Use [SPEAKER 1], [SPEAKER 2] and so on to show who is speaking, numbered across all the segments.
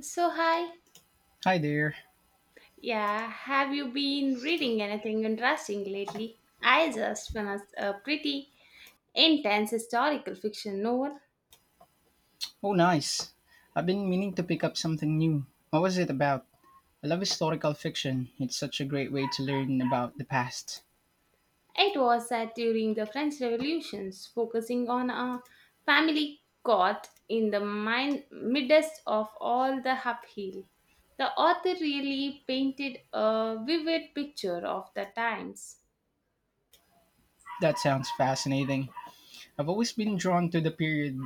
[SPEAKER 1] So, hi.
[SPEAKER 2] Hi there.
[SPEAKER 1] Yeah, have you been reading anything interesting lately? I just finished a pretty intense historical fiction novel.
[SPEAKER 2] Oh, nice. I've been meaning to pick up something new. What was it about? I love historical fiction. It's such a great way to learn about the past.
[SPEAKER 1] It was set during the French Revolutions, focusing on a family caught in the midst of all the upheaval. The author really painted a vivid picture of the times.
[SPEAKER 2] That sounds fascinating. I've always been drawn to the period,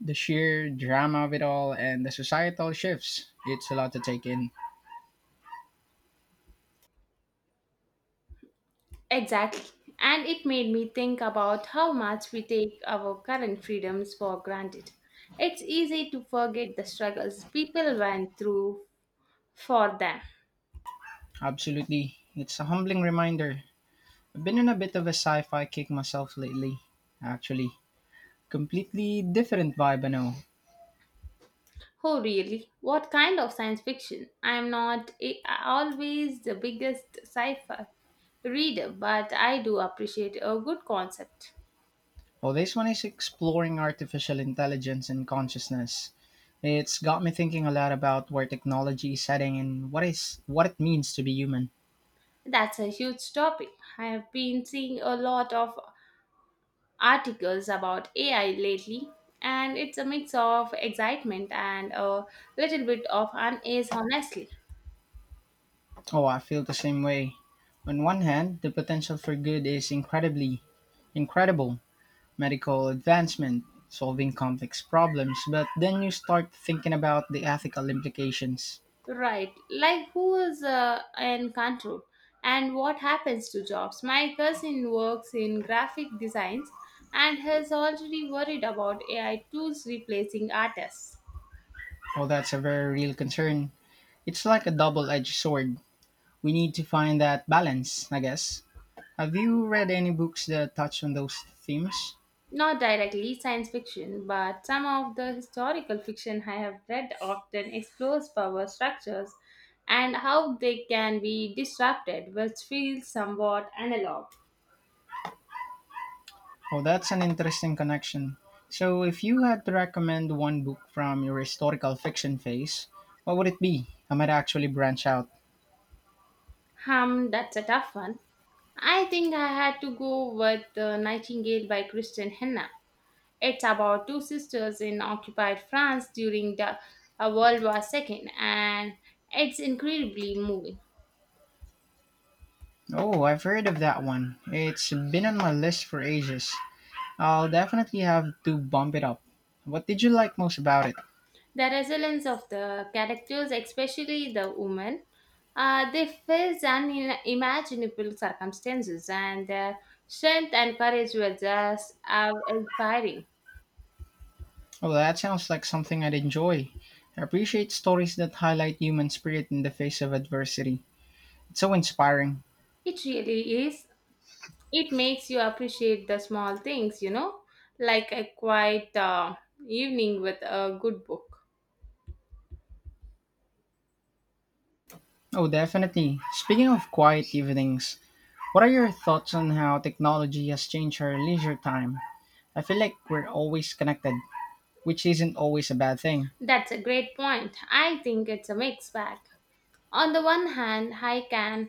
[SPEAKER 2] the sheer drama of it all, and the societal shifts. It's a lot to take in.
[SPEAKER 1] Exactly. And it made me think about how much we take our current freedoms for granted. It's easy to forget the struggles people went through for them.
[SPEAKER 2] Absolutely. It's a humbling reminder. I've been on a bit of a sci fi kick myself lately, actually. Completely different vibe, I know.
[SPEAKER 1] Oh, really? What kind of science fiction? I'm not a- always the biggest sci fi reader, but I do appreciate a good concept.
[SPEAKER 2] Oh, this one is exploring artificial intelligence and consciousness. It's got me thinking a lot about where technology is heading and what it means to be human.
[SPEAKER 1] That's a huge topic. I have been seeing a lot of articles about AI lately, and it's a mix of excitement and a little bit of unease, honestly.
[SPEAKER 2] Oh, I feel the same way. On one hand, the potential for good is incredibly incredible. Medical advancement, solving complex problems, but then you start thinking about the ethical implications.
[SPEAKER 1] Right, like who is in control and what happens to jobs? My cousin works in graphic designs and has already worried about AI tools replacing artists.
[SPEAKER 2] Oh, that's a very real concern. It's like a double-edged sword. We need to find that balance, I guess. Have you read any books that touch on those themes?
[SPEAKER 1] Not directly science fiction, but some of the historical fiction I have read often explores power structures and how they can be disrupted, which feels somewhat analog.
[SPEAKER 2] Oh, that's an interesting connection. So, if you had to recommend one book from your historical fiction phase, what would it be? I might actually branch out.
[SPEAKER 1] That's a tough one. I think I had to go with The Nightingale by Christian Henna. It's about two sisters in occupied France during the World War II, and it's incredibly moving.
[SPEAKER 2] Oh, I've heard of that one. It's been on my list for ages. I'll definitely have to bump it up. What did you like most about it?
[SPEAKER 1] The resilience of the characters, especially the women. They face unimaginable circumstances, and their strength and courage were just inspiring.
[SPEAKER 2] Oh, that sounds like something I'd enjoy. I appreciate stories that highlight human spirit in the face of adversity. It's so inspiring.
[SPEAKER 1] It really is. It makes you appreciate the small things, you know, like a quiet evening with a good book.
[SPEAKER 2] Oh, definitely. Speaking of quiet evenings, what are your thoughts on how technology has changed our leisure time? I feel like we're always connected, which isn't always a bad thing.
[SPEAKER 1] That's a great point. I think it's a mixed bag. On the one hand, I can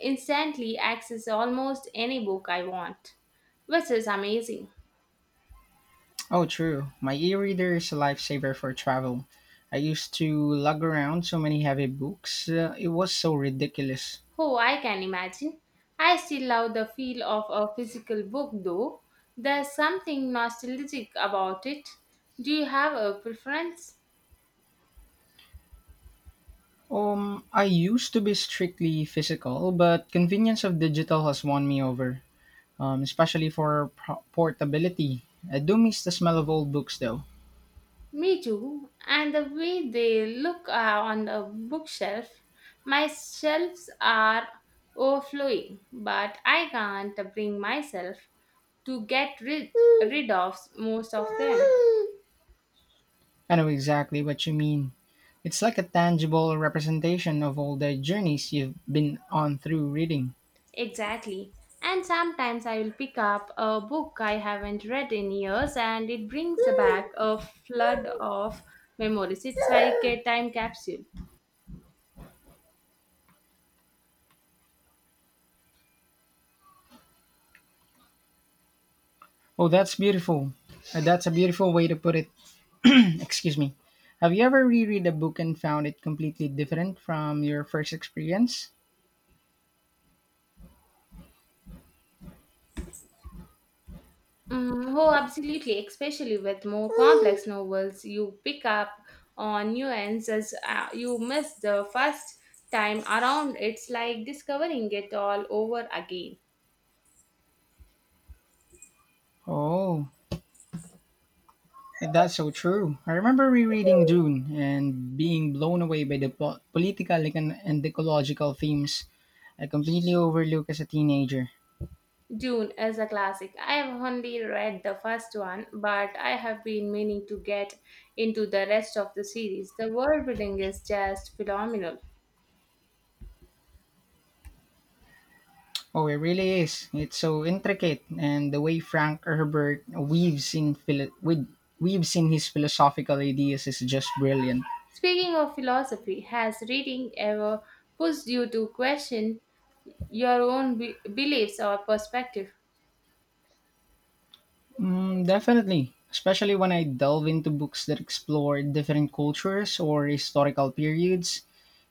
[SPEAKER 1] instantly access almost any book I want, which is amazing.
[SPEAKER 2] Oh, true. My e reader is a lifesaver for travel. I used to lug around so many heavy books, it was so ridiculous.
[SPEAKER 1] Oh, I can imagine. I still love the feel of a physical book though. There's something nostalgic about it. Do you have a preference?
[SPEAKER 2] I used to be strictly physical, but convenience of digital has won me over, especially for portability. I do miss the smell of old books though.
[SPEAKER 1] Me too. And the way they look on the bookshelf, my shelves are overflowing, but I can't bring myself to rid of most of them.
[SPEAKER 2] I know exactly what you mean. It's like a tangible representation of all the journeys you've been on through reading.
[SPEAKER 1] Exactly. And sometimes I will pick up a book I haven't read in years and it brings back a flood of memories. It's like a time capsule.
[SPEAKER 2] Oh, that's beautiful. That's a beautiful way to put it. Excuse me. Have you ever reread a book and found it completely different from your first experience?
[SPEAKER 1] Oh, absolutely. Especially with more complex novels, you pick up on nuances you missed the first time around. It's like discovering it all over again.
[SPEAKER 2] Oh, that's so true. I remember rereading Dune and being blown away by the political and ecological themes I completely overlooked as a teenager.
[SPEAKER 1] Dune is a classic. I have only read the first one, but I have been meaning to get into the rest of the series. The world building is just phenomenal.
[SPEAKER 2] Oh, it really is. It's so intricate, and the way Frank Herbert weaves in his philosophical ideas is just brilliant.
[SPEAKER 1] Speaking of philosophy, has reading ever pushed you to question your own beliefs or perspective?
[SPEAKER 2] Mm, definitely, especially when I delve into books that explore different cultures or historical periods,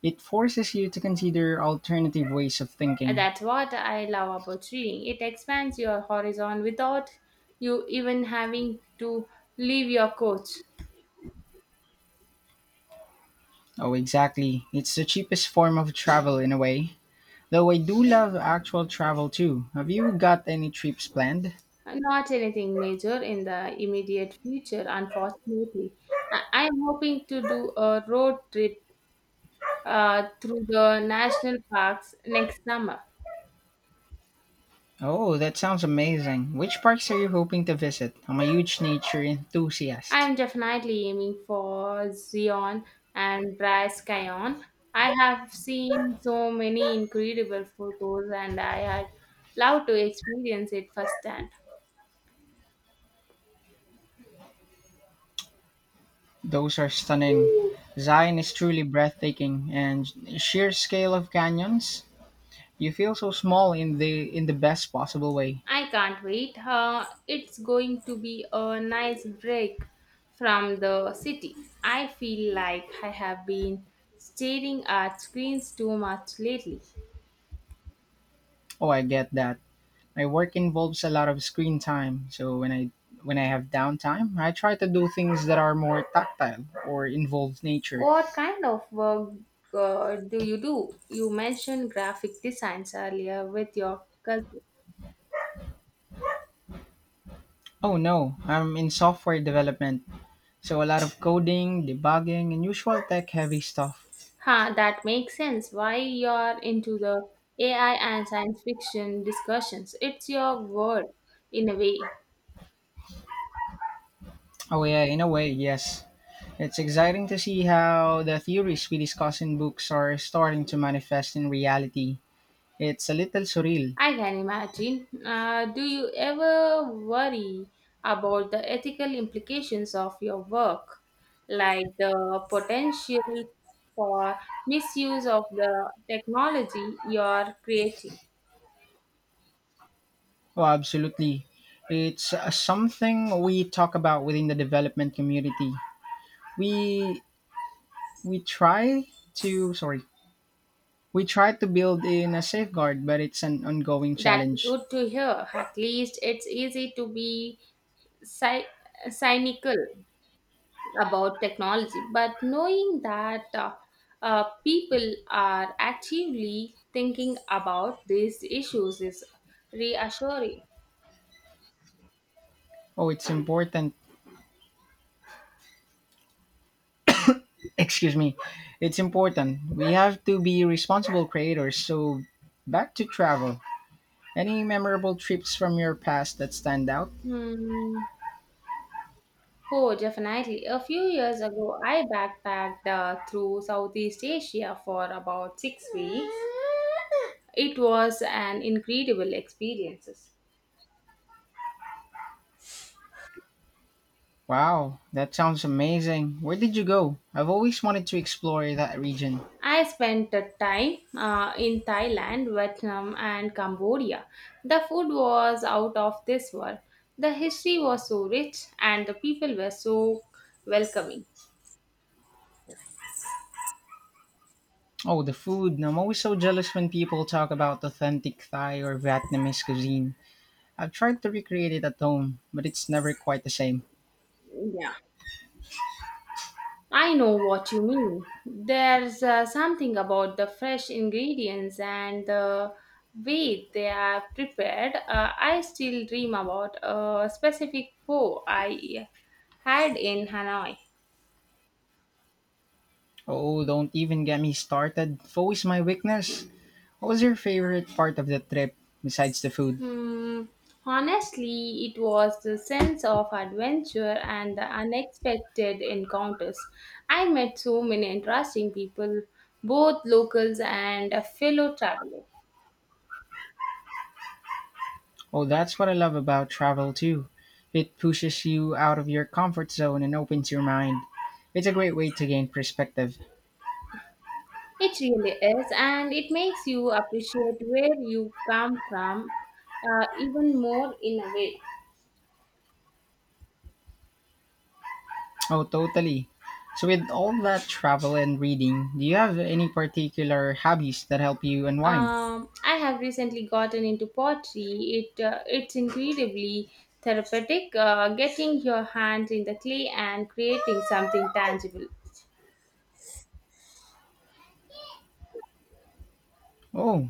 [SPEAKER 2] it forces you to consider alternative ways of thinking.
[SPEAKER 1] That's what I love about reading. It expands your horizon without you even having to leave your couch.
[SPEAKER 2] Oh, exactly. It's the cheapest form of travel in a way. Though I do love actual travel too. Have you got any trips planned?
[SPEAKER 1] Not anything major in the immediate future, unfortunately. I am hoping to do a road trip through the national parks next summer.
[SPEAKER 2] Oh, that sounds amazing. Which parks are you hoping to visit? I'm a huge nature
[SPEAKER 1] I
[SPEAKER 2] enthusiast.
[SPEAKER 1] am definitely aiming for Zion and Bryce Canyon. I have seen so many incredible photos and I had loved to experience it firsthand.
[SPEAKER 2] Those are stunning. Zion is truly breathtaking and sheer scale of canyons. You feel so small in the best possible way.
[SPEAKER 1] I can't wait. It's going to be a nice break from the city. I feel like I have been staring at screens too much lately.
[SPEAKER 2] Oh, I get that. My work involves a lot of screen time, so when I have downtime, I try to do things that are more tactile or involve nature.
[SPEAKER 1] What kind of work do? You mentioned graphic designs earlier with your cousin.
[SPEAKER 2] Oh no, I'm in software development, so a lot of coding, debugging, and usual tech heavy stuff.
[SPEAKER 1] Huh, that makes sense. Why you're into the AI and science fiction discussions? It's your world in a way.
[SPEAKER 2] Oh yeah, in a way, yes. It's exciting to see how the theories we discuss in books are starting to manifest in reality. It's a little surreal.
[SPEAKER 1] I can imagine. Do you ever worry about the ethical implications of your work, like the potential for misuse of the technology you're creating?
[SPEAKER 2] Oh, absolutely. It's something we talk about within the development community. We we try to sorry, we try to build in a safeguard, but it's an ongoing
[SPEAKER 1] That's
[SPEAKER 2] challenge.
[SPEAKER 1] good to hear. At least it's easy to be cy- cynical about technology, but knowing that people are actively thinking about these issues is reassuring.
[SPEAKER 2] Oh, it's important. Excuse me. It's important. We have to be responsible creators. So back to travel. Any memorable trips from your past that stand out?
[SPEAKER 1] Hmm. Oh, definitely. A few years ago, I backpacked through Southeast Asia for about 6 weeks. It was an incredible experience.
[SPEAKER 2] Wow, that sounds amazing. Where did you go? I've always wanted to explore that region.
[SPEAKER 1] I spent the time in Thailand, Vietnam, and Cambodia. The food was out of this world. The history was so rich, and the people were so welcoming.
[SPEAKER 2] Oh, the food. I'm always so jealous when people talk about authentic Thai or Vietnamese cuisine. I've tried to recreate it at home, but it's never quite the same.
[SPEAKER 1] Yeah. I know what you mean. There's something about the fresh ingredients and the way they are prepared. I still dream about a specific po I had in Hanoi.
[SPEAKER 2] Oh, don't even get me started. Food is my weakness. What was your favorite part of the trip besides the food?
[SPEAKER 1] Hmm. Honestly, it was the sense of adventure and the unexpected encounters. I met so many interesting people, both locals and a fellow traveler.
[SPEAKER 2] Oh, that's what I love about travel too. It pushes you out of your comfort zone and opens your mind. It's a great way to gain perspective.
[SPEAKER 1] It really is, and it makes you appreciate where you come from even more in a way.
[SPEAKER 2] Oh, totally. So, with all that travel and reading, do you have any particular hobbies that help you unwind?
[SPEAKER 1] I have recently gotten into pottery. It's incredibly therapeutic. Getting your hands in the clay and creating something tangible.
[SPEAKER 2] Oh,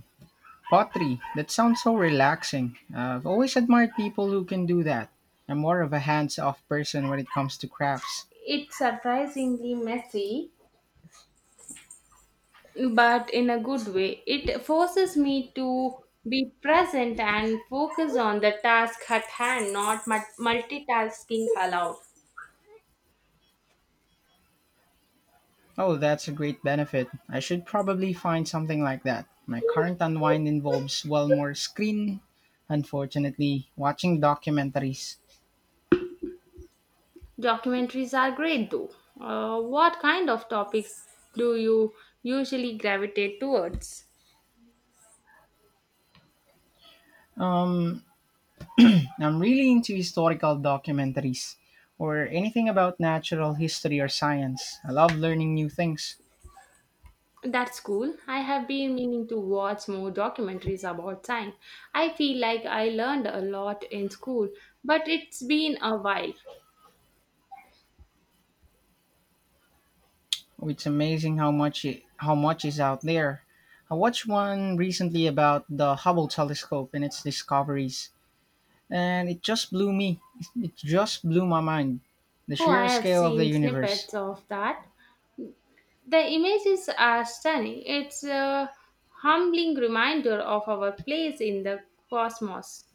[SPEAKER 2] pottery. That sounds so relaxing. I've always admired people who can do that. I'm more of a hands off person when it comes to crafts.
[SPEAKER 1] It's surprisingly messy, but in a good way. It forces me to be present and focus on the task at hand, not multitasking allowed.
[SPEAKER 2] Oh, that's a great benefit. I should probably find something like that. My current unwind involves well more screen, unfortunately, watching documentaries.
[SPEAKER 1] Documentaries are great though. What kind of topics do you usually gravitate towards?
[SPEAKER 2] I'm really into historical documentaries or anything about natural history or science. I love learning new things.
[SPEAKER 1] That's cool. I have been meaning to watch more documentaries about time. I feel like I learned a lot in school, but it's been a while.
[SPEAKER 2] Oh, it's amazing how much is out there. I watched one recently about the Hubble telescope and its discoveries, and it just blew me. It just blew my mind. The
[SPEAKER 1] Oh, I
[SPEAKER 2] sheer
[SPEAKER 1] have
[SPEAKER 2] scale of the
[SPEAKER 1] seen
[SPEAKER 2] universe.
[SPEAKER 1] snippets of that. The images are stunning. It's a humbling reminder of our place in the cosmos.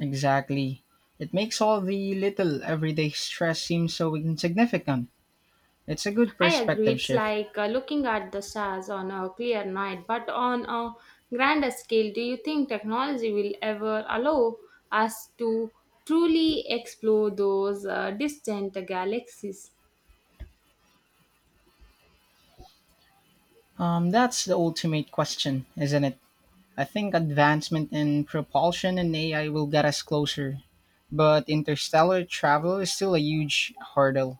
[SPEAKER 2] Exactly. It makes all the little everyday stress seem so insignificant. It's a good
[SPEAKER 1] I agree.
[SPEAKER 2] perspective
[SPEAKER 1] It's
[SPEAKER 2] shift.
[SPEAKER 1] like looking at the stars on a clear night, but on a grander scale, do you think technology will ever allow us to truly explore those distant galaxies?
[SPEAKER 2] That's the ultimate question, isn't it? I think advancement in propulsion and AI will get us closer, but interstellar travel is still a huge hurdle.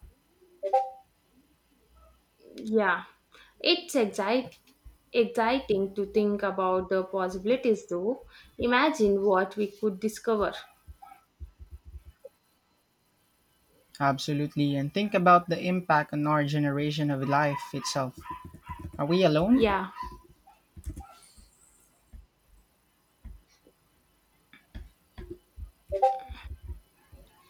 [SPEAKER 1] Yeah, it's exciting to think about the possibilities, though. Imagine what we could discover.
[SPEAKER 2] Absolutely. And think about the impact on our generation of life itself. Are we alone?
[SPEAKER 1] Yeah.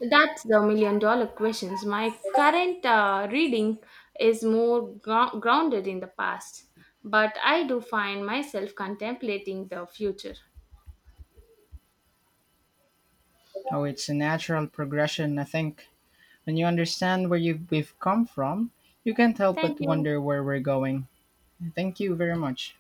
[SPEAKER 1] That's the million dollar questions. My current reading is more grounded in the past, but I do find myself contemplating the future.
[SPEAKER 2] Oh, it's a natural progression, I think. When you understand where you, we've come from, you can't help
[SPEAKER 1] Thank
[SPEAKER 2] but
[SPEAKER 1] you.
[SPEAKER 2] wonder where we're going. Thank you very much.